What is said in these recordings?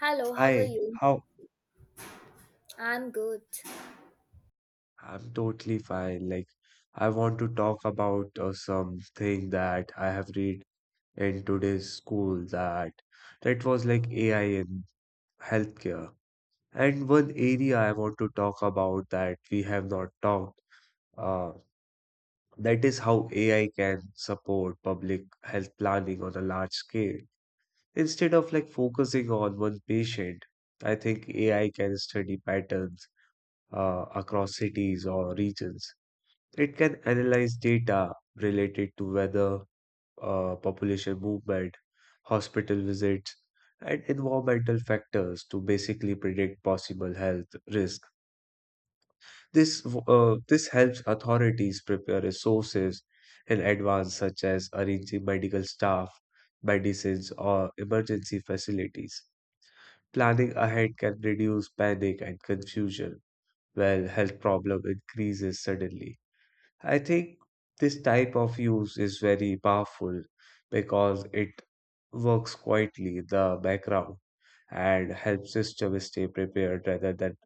Hello, how are Hi, you? how? I'm good. I'm totally fine. Like, I want to talk about something that I have read in today's school that was like AI in healthcare. And one area I want to talk about that we have not talked, uh, that is how AI can support public health planning on a large scale. Instead of like focusing on one patient, I think AI can study patterns across cities or regions. It can analyze data related to weather, population movement, hospital visits, and environmental factors to basically predict possible health risk. This helps authorities prepare resources in advance, such as arranging medical staff, medicines, or emergency facilities. Planning ahead can reduce panic and confusion, while health problem increases suddenly. I think this type of use is very powerful because it works quietly in the background and helps system stay prepared rather than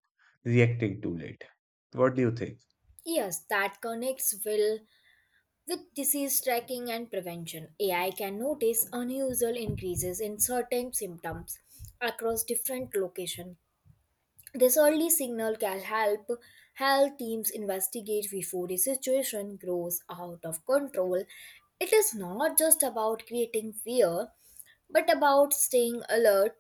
reacting too late. What do you think? Yes, that connects well with disease tracking and prevention. AI can notice unusual increases in certain symptoms across different locations. This early signal can help health teams investigate before the situation grows out of control. It is not just about creating fear, but about staying alert.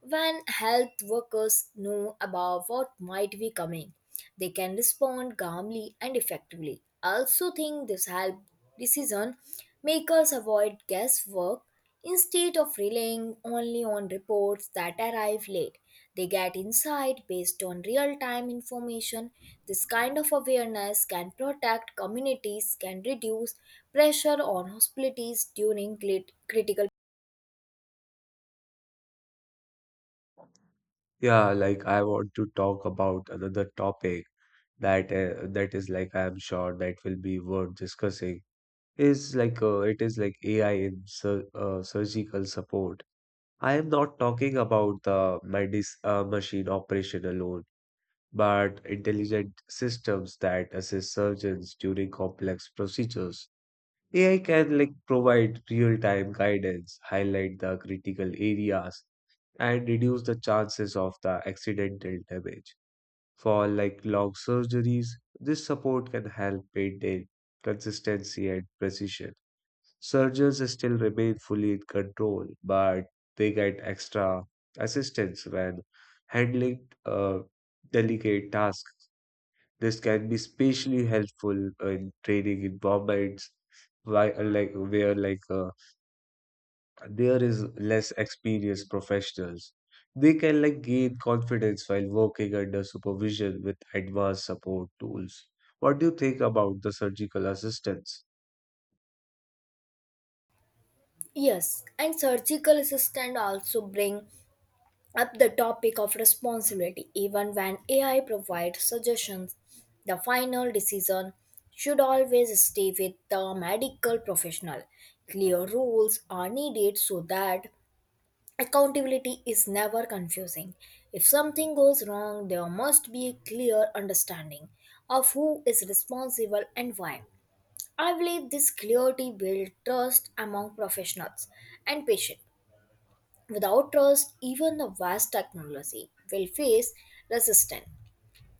When health workers know about what might be coming, they can respond calmly and effectively. I also think this help decision makers avoid guesswork instead of relying only on reports that arrive late. They get insight based on real time information. This kind of awareness can protect communities, can reduce pressure on hospitalities during critical. Yeah, like I want to talk about another topic that is like I am sure that will be worth discussing. Is like it is like AI in surgical support. I am not talking about the medis machine operation alone, but intelligent systems that assist surgeons during complex procedures. AI can like provide real-time guidance, highlight the critical areas, and reduce the chances of the accidental damage. For like long surgeries, this support can help maintain consistency and precision. Surgeons still remain fully in control, but they get extra assistance when handling delicate tasks. This can be especially helpful in training environments why, like where like there is less experienced professionals. They can like gain confidence while working under supervision with advanced support tools. What do you think about the surgical assistance? Yes, and surgical assistant also bring up the topic of responsibility. Even when AI provides suggestions, the final decision should always stay with the medical professional. Clear rules are needed so that accountability is never confusing. If something goes wrong, there must be a clear understanding of who is responsible and why. I believe this clarity builds trust among professionals and patients. Without trust, even the vast technology will face resistance.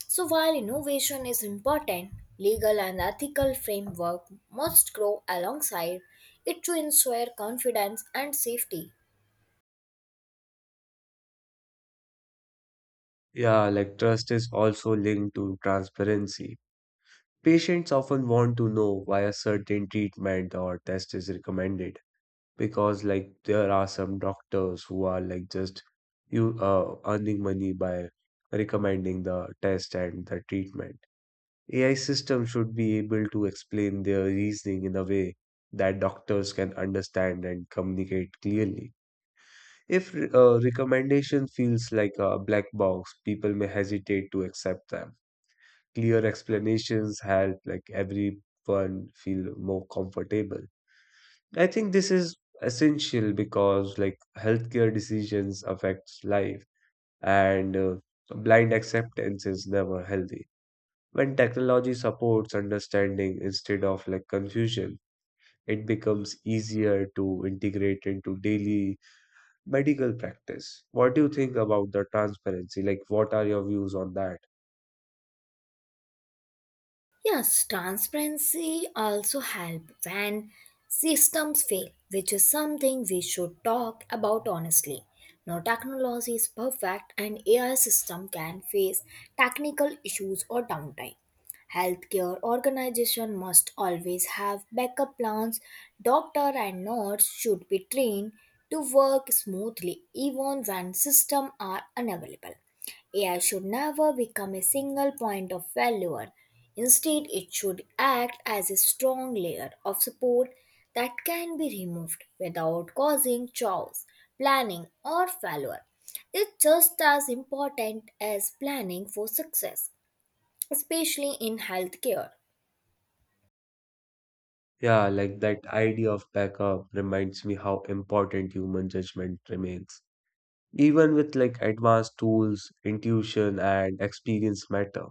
So while innovation is important, legal and ethical framework must grow alongside it to ensure confidence and safety. Yeah, like trust is also linked to transparency. Patients often want to know why a certain treatment or test is recommended, because like there are some doctors who are like just you earning money by recommending the test and the treatment. AI system should be able to explain their reasoning in a way that doctors can understand and communicate clearly. If a recommendation feels like a black box, people may hesitate to accept them. Clear explanations help like everyone feel more comfortable. I think this is essential because like healthcare decisions affects life and blind acceptance is never healthy. When technology supports understanding instead of like confusion, it becomes easier to integrate into daily medical practice. What do you think about the transparency? Like what are your views on that? Yes, transparency also help when systems fail, which is something we should talk about honestly. Now, technology is perfect, and AI system can face technical issues or downtime. Healthcare organization must always have backup plans. Doctor and nurse should be trained to work smoothly even when systems are unavailable. AI should never become a single point of failure. Instead, it should act as a strong layer of support that can be removed without causing chaos, planning, or failure. It's just as important as planning for success, especially in healthcare. Yeah, like that idea of backup reminds me how important human judgment remains. Even with like advanced tools, intuition and experience matter.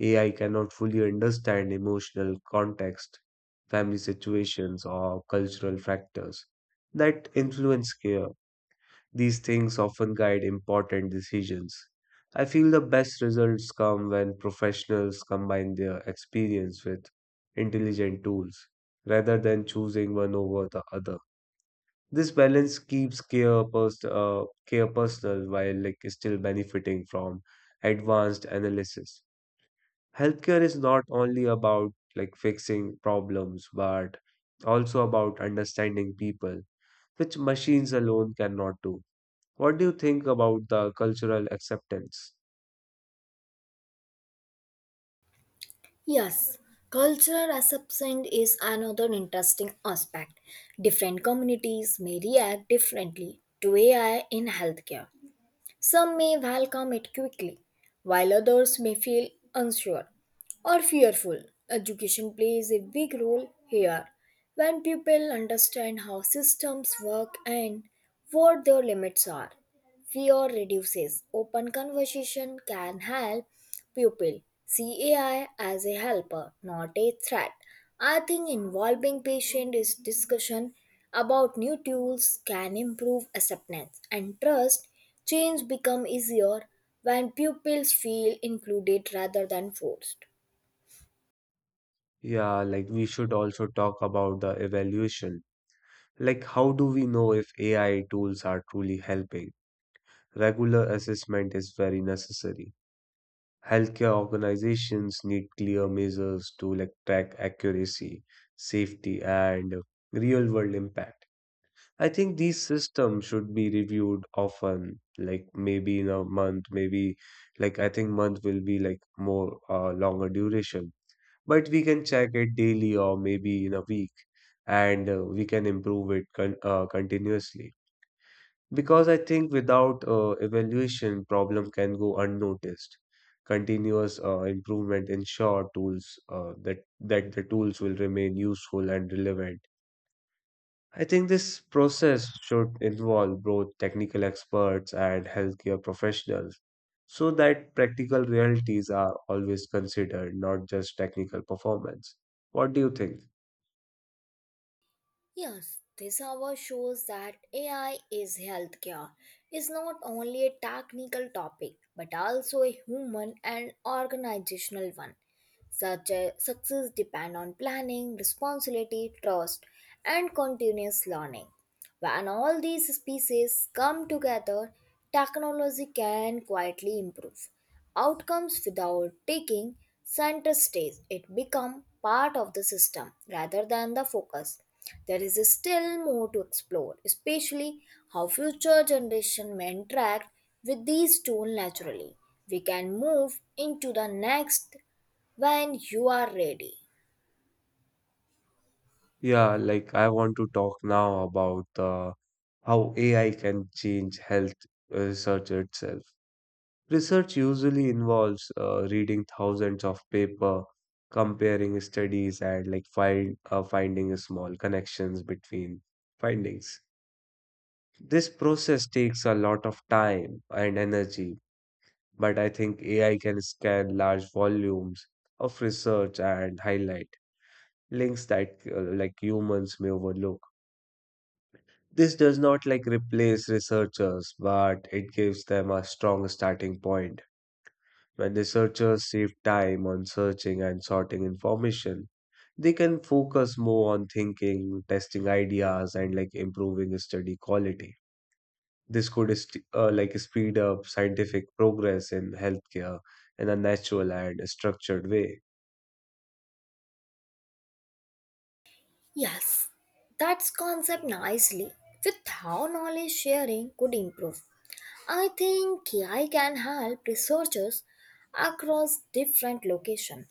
AI cannot fully understand emotional context, family situations, or cultural factors that influence care. These things often guide important decisions. I feel the best results come when professionals combine their experience with intelligent tools rather than choosing one over the other. This balance keeps care personal while like still benefiting from advanced analysis. Healthcare is not only about like fixing problems, but also about understanding people, which machines alone cannot do. What do you think about the cultural acceptance? Yes, cultural acceptance is another interesting aspect. Different communities may react differently to AI in healthcare. Some may welcome it quickly, while others may feel unsure or fearful. Education plays a big role here. When people understand how systems work and what their limits are, fear reduces. Open conversation can help pupil see AI as a helper, not a threat. I think involving patient is discussion about new tools can improve acceptance and trust. Change become easier when pupils feel included rather than forced. Yeah, like we should also talk about the evaluation. Like, how do we know if AI tools are truly helping? Regular assessment is very necessary. Healthcare organizations need clear measures to like track accuracy, safety, and real world impact. I think these systems should be reviewed often, like maybe in a month, maybe like I think month will be like more longer duration, but we can check it daily or maybe in a week, and we can improve it continuously. Because I think without evaluation, problem can go unnoticed. Continuous improvement ensure tools that the tools will remain useful and relevant. I think this process should involve both technical experts and healthcare professionals so that practical realities are always considered, not just technical performance. What do you think? Yes, this hour shows that AI is healthcare is not only a technical topic but also a human and organizational one. Such a success depend on planning, responsibility, trust, and continuous learning. When all these species come together, technology can quietly improve outcomes without taking center stage. It becomes part of the system rather than the focus. There is still more to explore, especially how future generations may interact with these tools naturally. We can move into the next when you are ready. Yeah, like I want to talk now about the how AI can change health research itself. Research usually involves reading thousands of paper, comparing studies, and like finding small connections between findings. This process takes a lot of time and energy, but I think AI can scan large volumes of research and highlight links that like humans may overlook. This does not like replace researchers, but it gives them a strong starting point. When researchers save time on searching and sorting information, they can focus more on thinking, testing ideas, and like improving study quality. Like speed up scientific progress in healthcare in a natural and structured way. Yes, that's concept nicely with how knowledge sharing could improve. I think AI can help researchers across different locations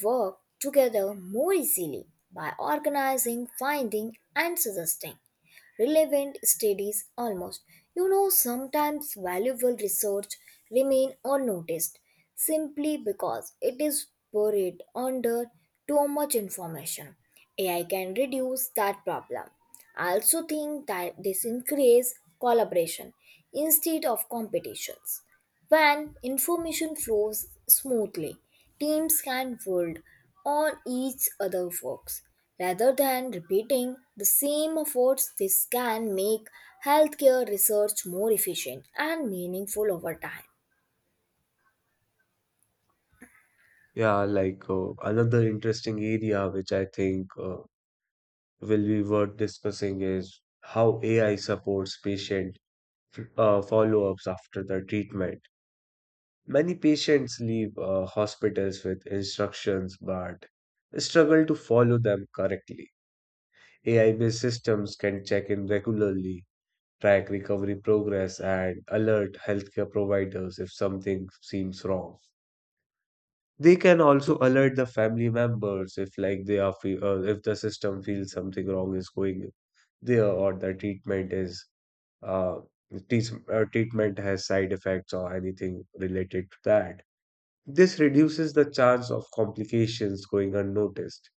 work together more easily by organizing, finding, and suggesting relevant studies almost. Sometimes valuable research remain unnoticed simply because it is buried under too much information. AI can reduce that problem. I also think that this increase collaboration instead of competitions. When information flows smoothly, teams can build on each other's works. Rather than repeating the same efforts, this can make healthcare research more efficient and meaningful over time. Yeah, like another interesting area which I think will be worth discussing is how AI supports patient follow-ups after the treatment. Many patients leave hospitals with instructions but struggle to follow them correctly. AI-based systems can check in regularly, track recovery progress, and alert healthcare providers if something seems wrong. They can also alert the family members if, like, if the system feels something wrong is going there or the treatment is uh, treatment has side effects or anything related to that. This reduces the chance of complications going unnoticed.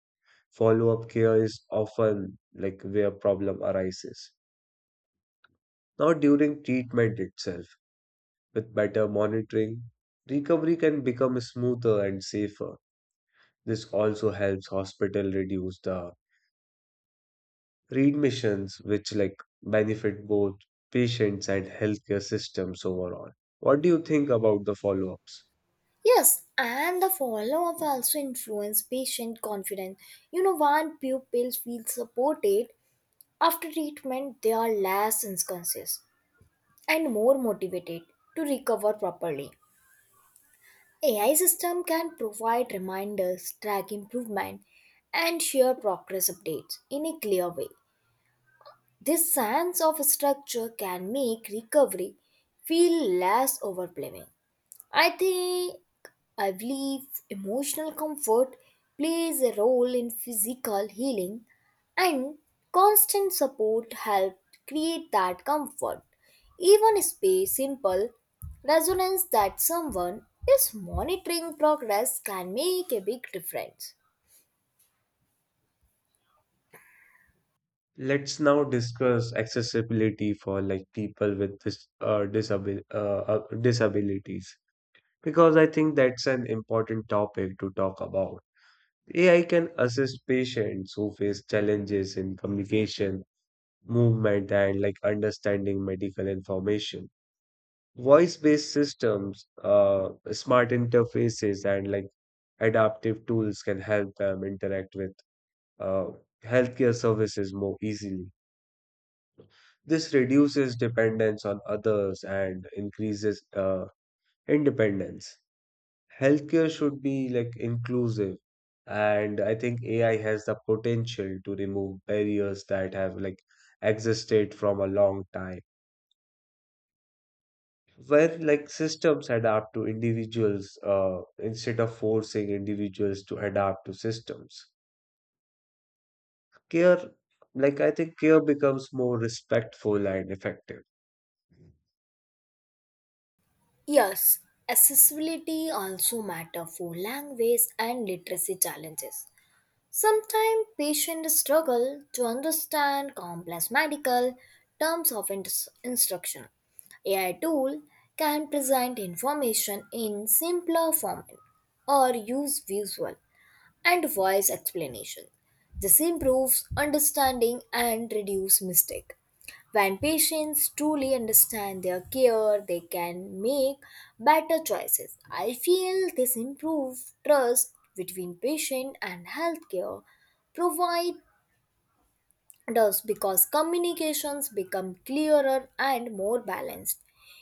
Follow-up care is often like where problem arises. Now, during treatment itself, with better monitoring, recovery can become smoother and safer. This also helps hospital reduce the readmissions, which like benefit both patients and healthcare systems overall. What do you think about the follow-ups? Yes, and the follow up also influence patient confidence. You know, when pupils feel supported after treatment, they are less anxious and more motivated to recover properly. AI system can provide reminders, track improvement, and share progress updates in a clear way. This sense of structure can make recovery feel less overwhelming. I think I believe emotional comfort plays a role in physical healing, and constant support helps create that comfort. Even space simple resonance that someone is monitoring progress can make a big difference. Let's now discuss accessibility for like people with disabilities because I think that's an important topic to talk about. AI can assist patients who face challenges in communication, movement, and like understanding medical information. Voice-based systems, smart interfaces, and like adaptive tools can help them interact with uh, healthcare services more easily. This reduces dependence on others and increases independence. Healthcare should be like inclusive, and I think AI has the potential to remove barriers that have like existed from a long time. Where like systems adapt to individuals instead of forcing individuals to adapt to systems. Care, like I think care becomes more respectful and effective. Yes, accessibility also matter for language and literacy challenges. Sometimes patients struggle to understand complex medical terms of instruction. AI tool can present information in simpler format or use visual and wise explanation. This improves understanding and reduce mistake. When patients truly understand their care, they can make better choices. I feel this improves trust between patient and healthcare providers because communications become clearer and more balanced.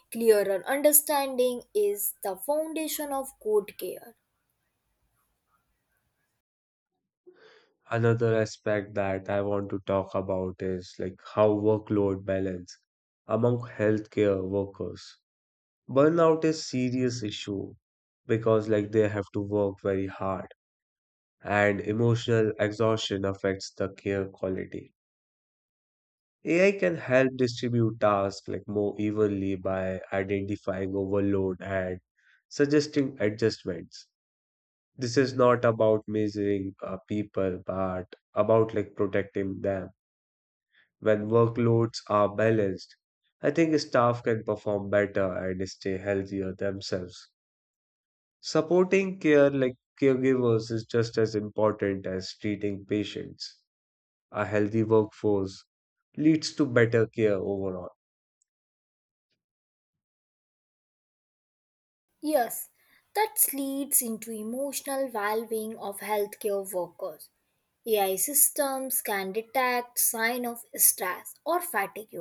Clearer understanding is the foundation of good care. Another aspect that I want to talk about is like how workload balance among healthcare workers. Burnout is serious issue because like they have to work very hard, and emotional exhaustion affects the care quality. AI can help distribute tasks like more evenly by identifying overload and suggesting adjustments. This is not about measuring people, but about like protecting them. When workloads are balanced, I think staff can perform better and stay healthier themselves. Supporting care like caregivers is just as important as treating patients. A healthy workforce leads to better care overall. Yes, that leads into emotional valuing of healthcare workers. AI systems can detect sign of stress or fatigue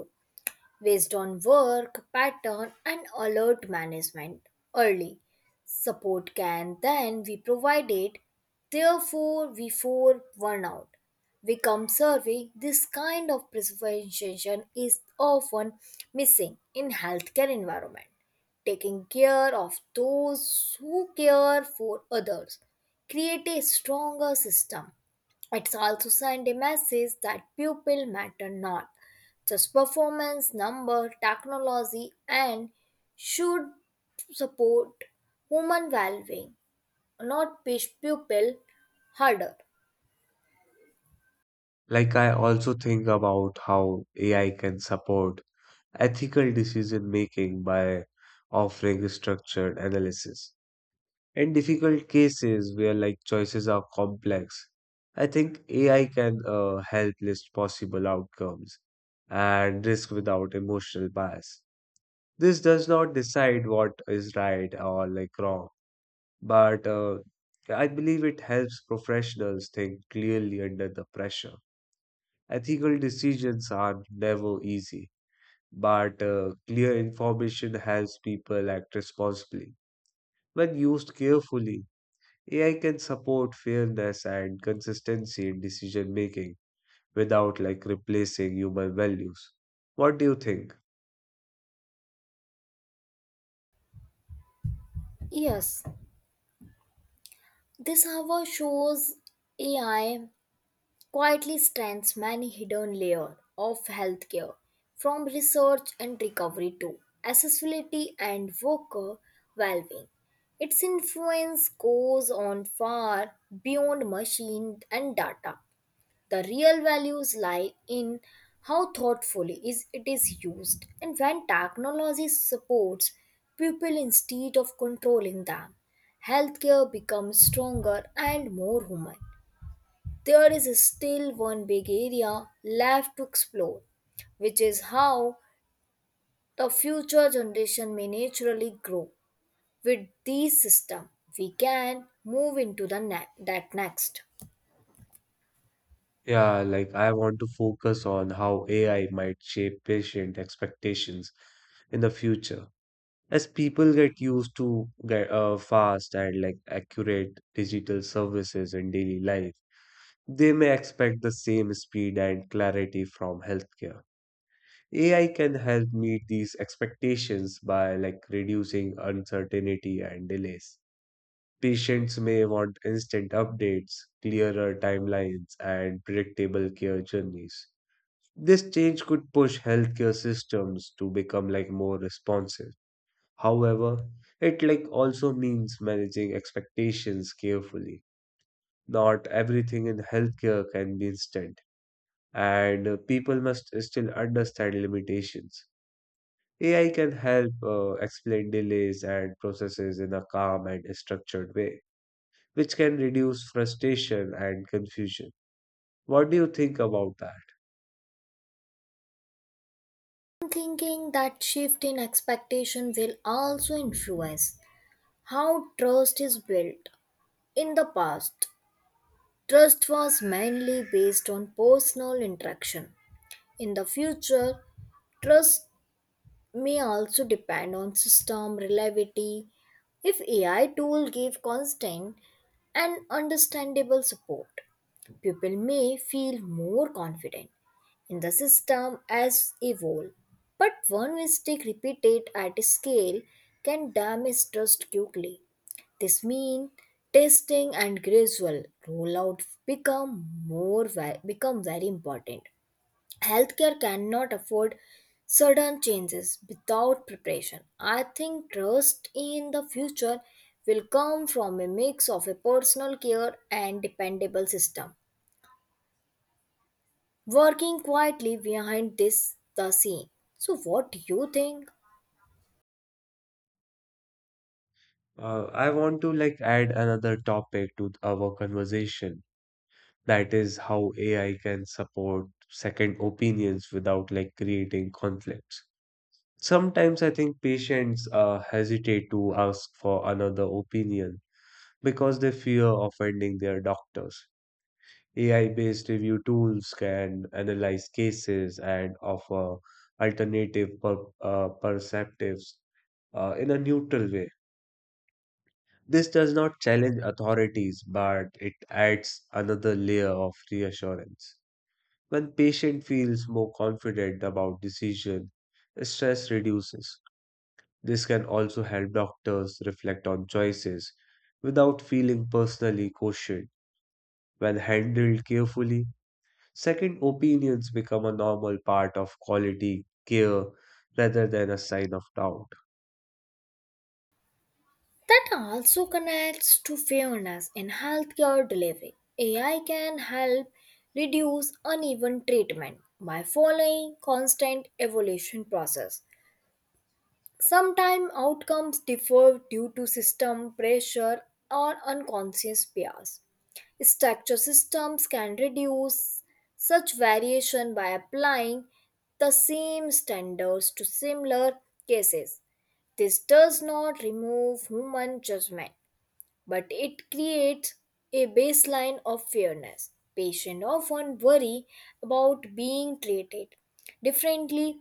based on work, pattern, and alert management early. Support can then be provided, therefore, before burnout. We come survey, this kind of prevention is often missing in healthcare environment taking care of those who care for others. Create a stronger system. It's also send a message that people matter not just performance, number, technology, and should support human well-being, not push people harder. Like, I also think about how AI can support ethical decision making by offering structured analysis. In difficult cases where like choices are complex, I think AI can help list possible outcomes and risk without emotional bias. This does not decide what is right or like wrong, but I believe it helps professionals think clearly under the pressure. Ethical decisions are never easy, but clear information helps people act responsibly. When used carefully, AI can support fairness and consistency in decision making without like replacing human values. What do you think? Yes, this however shows AI quietly strengthens many hidden layers of healthcare, from research and recovery to accessibility and worker well-being. Its influence goes on far beyond machine and data. The real values lie in how thoughtfully is it is used and when technology supports people instead of controlling them. Healthcare becomes stronger and more human. There is still one big area left to explore, which is how the future generation may naturally grow. With these system, we can move into the that next. Yeah, like I want to focus on how AI might shape patient expectations in the future. As people get used to get fast and like accurate digital services in daily life, they may expect the same speed and clarity from healthcare. AI can help meet these expectations by like reducing uncertainty and delays. Patients may want instant updates, clearer timelines and predictable care journeys. This change could push healthcare systems to become like more responsive. However, it like also means managing expectations carefully. Not everything in healthcare can be instant, and people must still understand limitations. AI can help explain delays and processes in a calm and structured way, which can reduce frustration and confusion. What do you think about that? I'm thinking that shift in expectation will also influence how trust is built. In the past, trust was mainly based on personal interaction. In the future, trust may also depend on system reliability. If AI tool give constant and understandable support, people may feel more confident in the system as a whole. But one mistake repeated at scale can damage trust quickly. This means testing and gradual rollout become become very important. Healthcare cannot afford sudden changes without preparation. I think trust in the future will come from a mix of a personal care and dependable system working quietly behind this the scene. So what do you think? I want to like add another topic to our conversation. That is how AI can support second opinions without like creating conflicts. Sometimes I think patients hesitate to ask for another opinion because they fear offending their doctors. AI-based review tools can analyze cases and offer alternative perceptives in a neutral way. This does not challenge authorities, but it adds another layer of reassurance. When patient feels more confident about decision, stress reduces. This can also help doctors reflect on choices without feeling personally questioned. When handled carefully, second opinions become a normal part of quality care rather than a sign of doubt. That also connects to fairness in healthcare delivery. AI can help reduce uneven treatment by following constant evolution process. Sometimes outcomes differ due to system pressure or unconscious bias. Structure systems can reduce such variation by applying the same standards to similar cases. This does not remove human judgment, but it creates a baseline of fairness. Patients often worry about being treated differently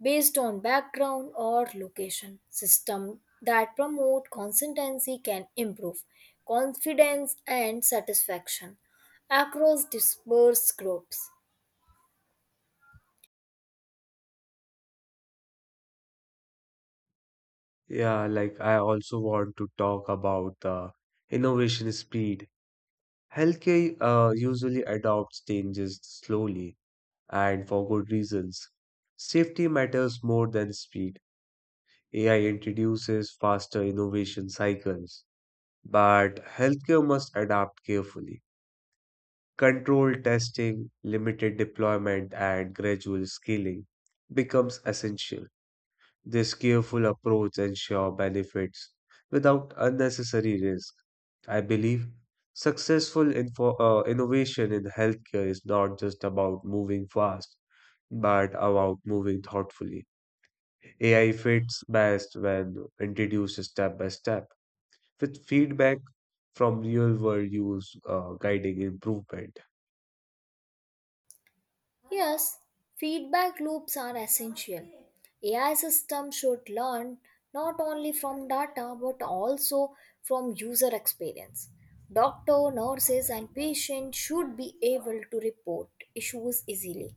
based on background or location. System that promote consistency can improve confidence and satisfaction across dispersed groups. Yeah, like I also want to talk about the innovation speed. Healthcare usually adopts changes slowly and for good reasons. Safety matters more than speed. AI introduces faster innovation cycles, but healthcare must adapt carefully. Controlled testing, limited deployment, and gradual scaling becomes essential. This careful approach ensures benefits without unnecessary risk. I believe successful innovation in healthcare is not just about moving fast, but about moving thoughtfully. AI fits best when introduced step by step, with feedback from real world use guiding improvement. Yes, feedback loops are essential. AI systems should learn not only from data but also from user experience. Doctor, nurses, and patients should be able to report issues easily.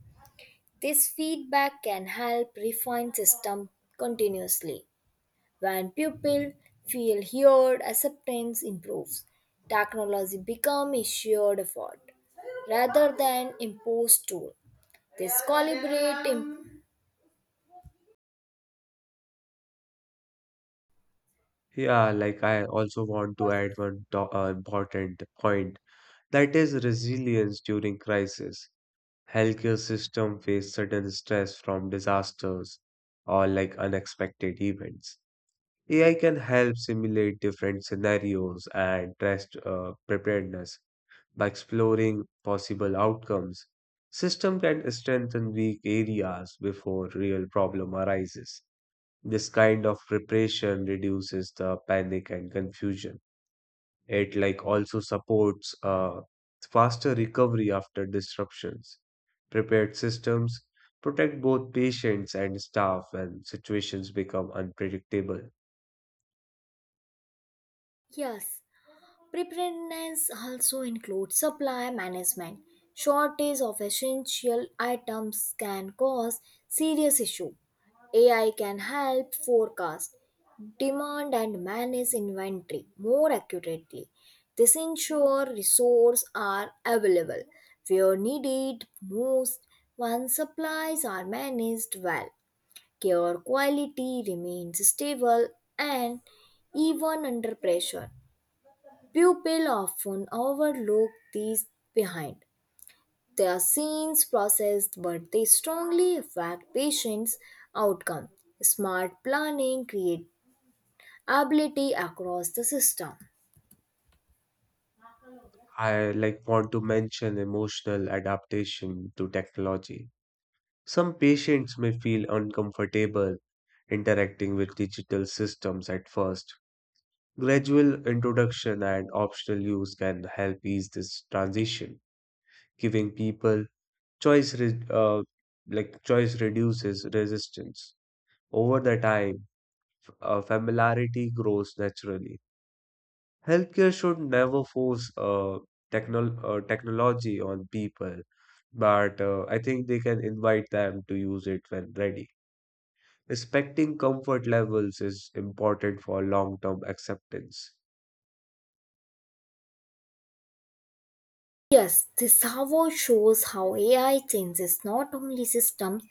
This feedback can help refine system continuously. When people feel heard, acceptance improves. Technology becomes a shared effort rather than imposed tool. This calibrate Yeah, like I also want to add one important point, that is resilience during crisis. Healthcare system face sudden stress from disasters or like unexpected events. AI can help simulate different scenarios and test preparedness by exploring possible outcomes. System can strengthen weak areas before real problem arises. This kind of preparation reduces the panic and confusion. It like also supports faster recovery after disruptions. Prepared systems protect both patients and staff when situations become unpredictable. yes. Preparedness also includes supply management. Shortage of essential items can cause serious issue. AI can help forecast demand and manage inventory more accurately. This ensure resources are available where needed most. Once supplies are managed well, care quality remains stable and even under pressure. Pupils often overlook these behind the scenes process, but they strongly affect patients' outcome. Smart planning creates ability across the system. I like want to mention emotional adaptation to technology. Some patients may feel uncomfortable interacting with digital systems at first. Gradual introduction and optional use can help ease this transition, giving people choice. Like choice reduces resistance. Over the time, familiarity grows naturally. Healthcare should never force technology on people, but I think they can invite them to use it when ready. Respecting comfort levels is important for long-term acceptance. Yes, this however shows how AI changes not only systems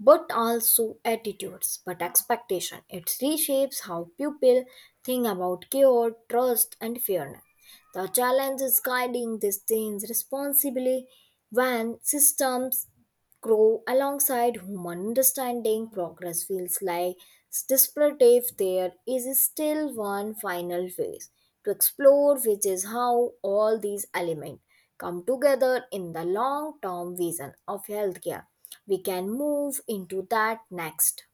but also attitudes, but expectation. It reshapes how people think about care, trust, and fairness. The challenge is guiding this change responsibly when systems grow alongside human understanding. Progress feels like disparate if there is still one final phase to explore, which is how all these elements come together in the long term vision of healthcare. We can move into that next.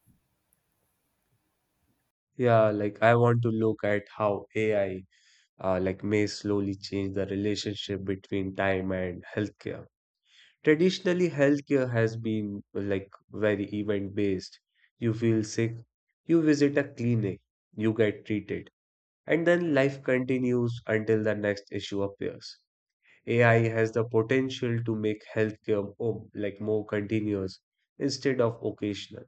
Yeah, like I want to look at how AI like may slowly change the relationship between time and healthcare. Traditionally, healthcare has been like very event based. You feel sick, you visit a clinic, you get treated, and then life continues until the next issue appears. AI has the potential to make healthcare like more continuous instead of occasional.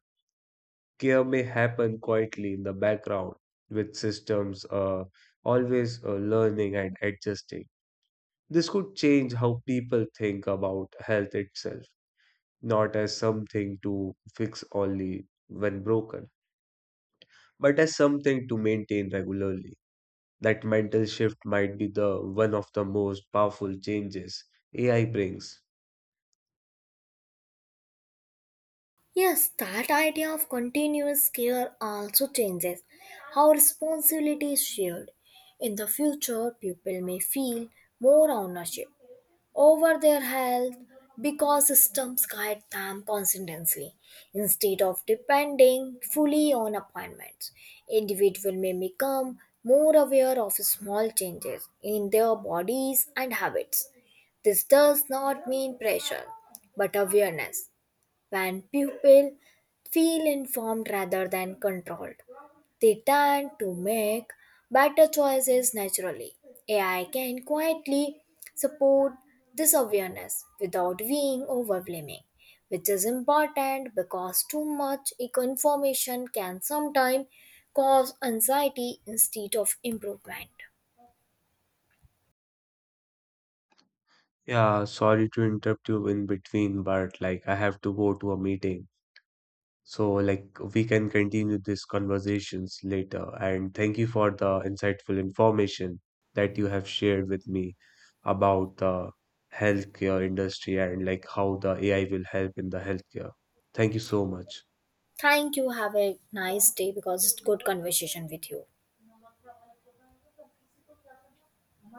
Care may happen quietly in the background with systems always learning and adjusting. This could change how people think about health itself, not as something to fix only when broken, but as something to maintain regularly. That mental shift might be the one of the most powerful changes AI brings. Yes, that idea of continuous care also changes how responsibility is shared. In the future, people may feel more ownership over their health because systems guide them consistently instead of depending fully on appointments. Individual may become more aware of small changes in their bodies and habits. This does not mean pressure but awareness. When pupils feel informed rather than controlled, they tend to make better choices naturally. AI can quietly support this awareness without being overwhelming, which is important because too much information can sometimes cause anxiety instead of improvement. Yeah, sorry to interrupt you in between, but like I have to go to a meeting. So, like, we can continue these conversations later. And thank you for the insightful information that you have shared with me about the healthcare industry and like how the AI will help in the healthcare. Thank you so much. Thank you. Have a nice day because it's good conversation with you.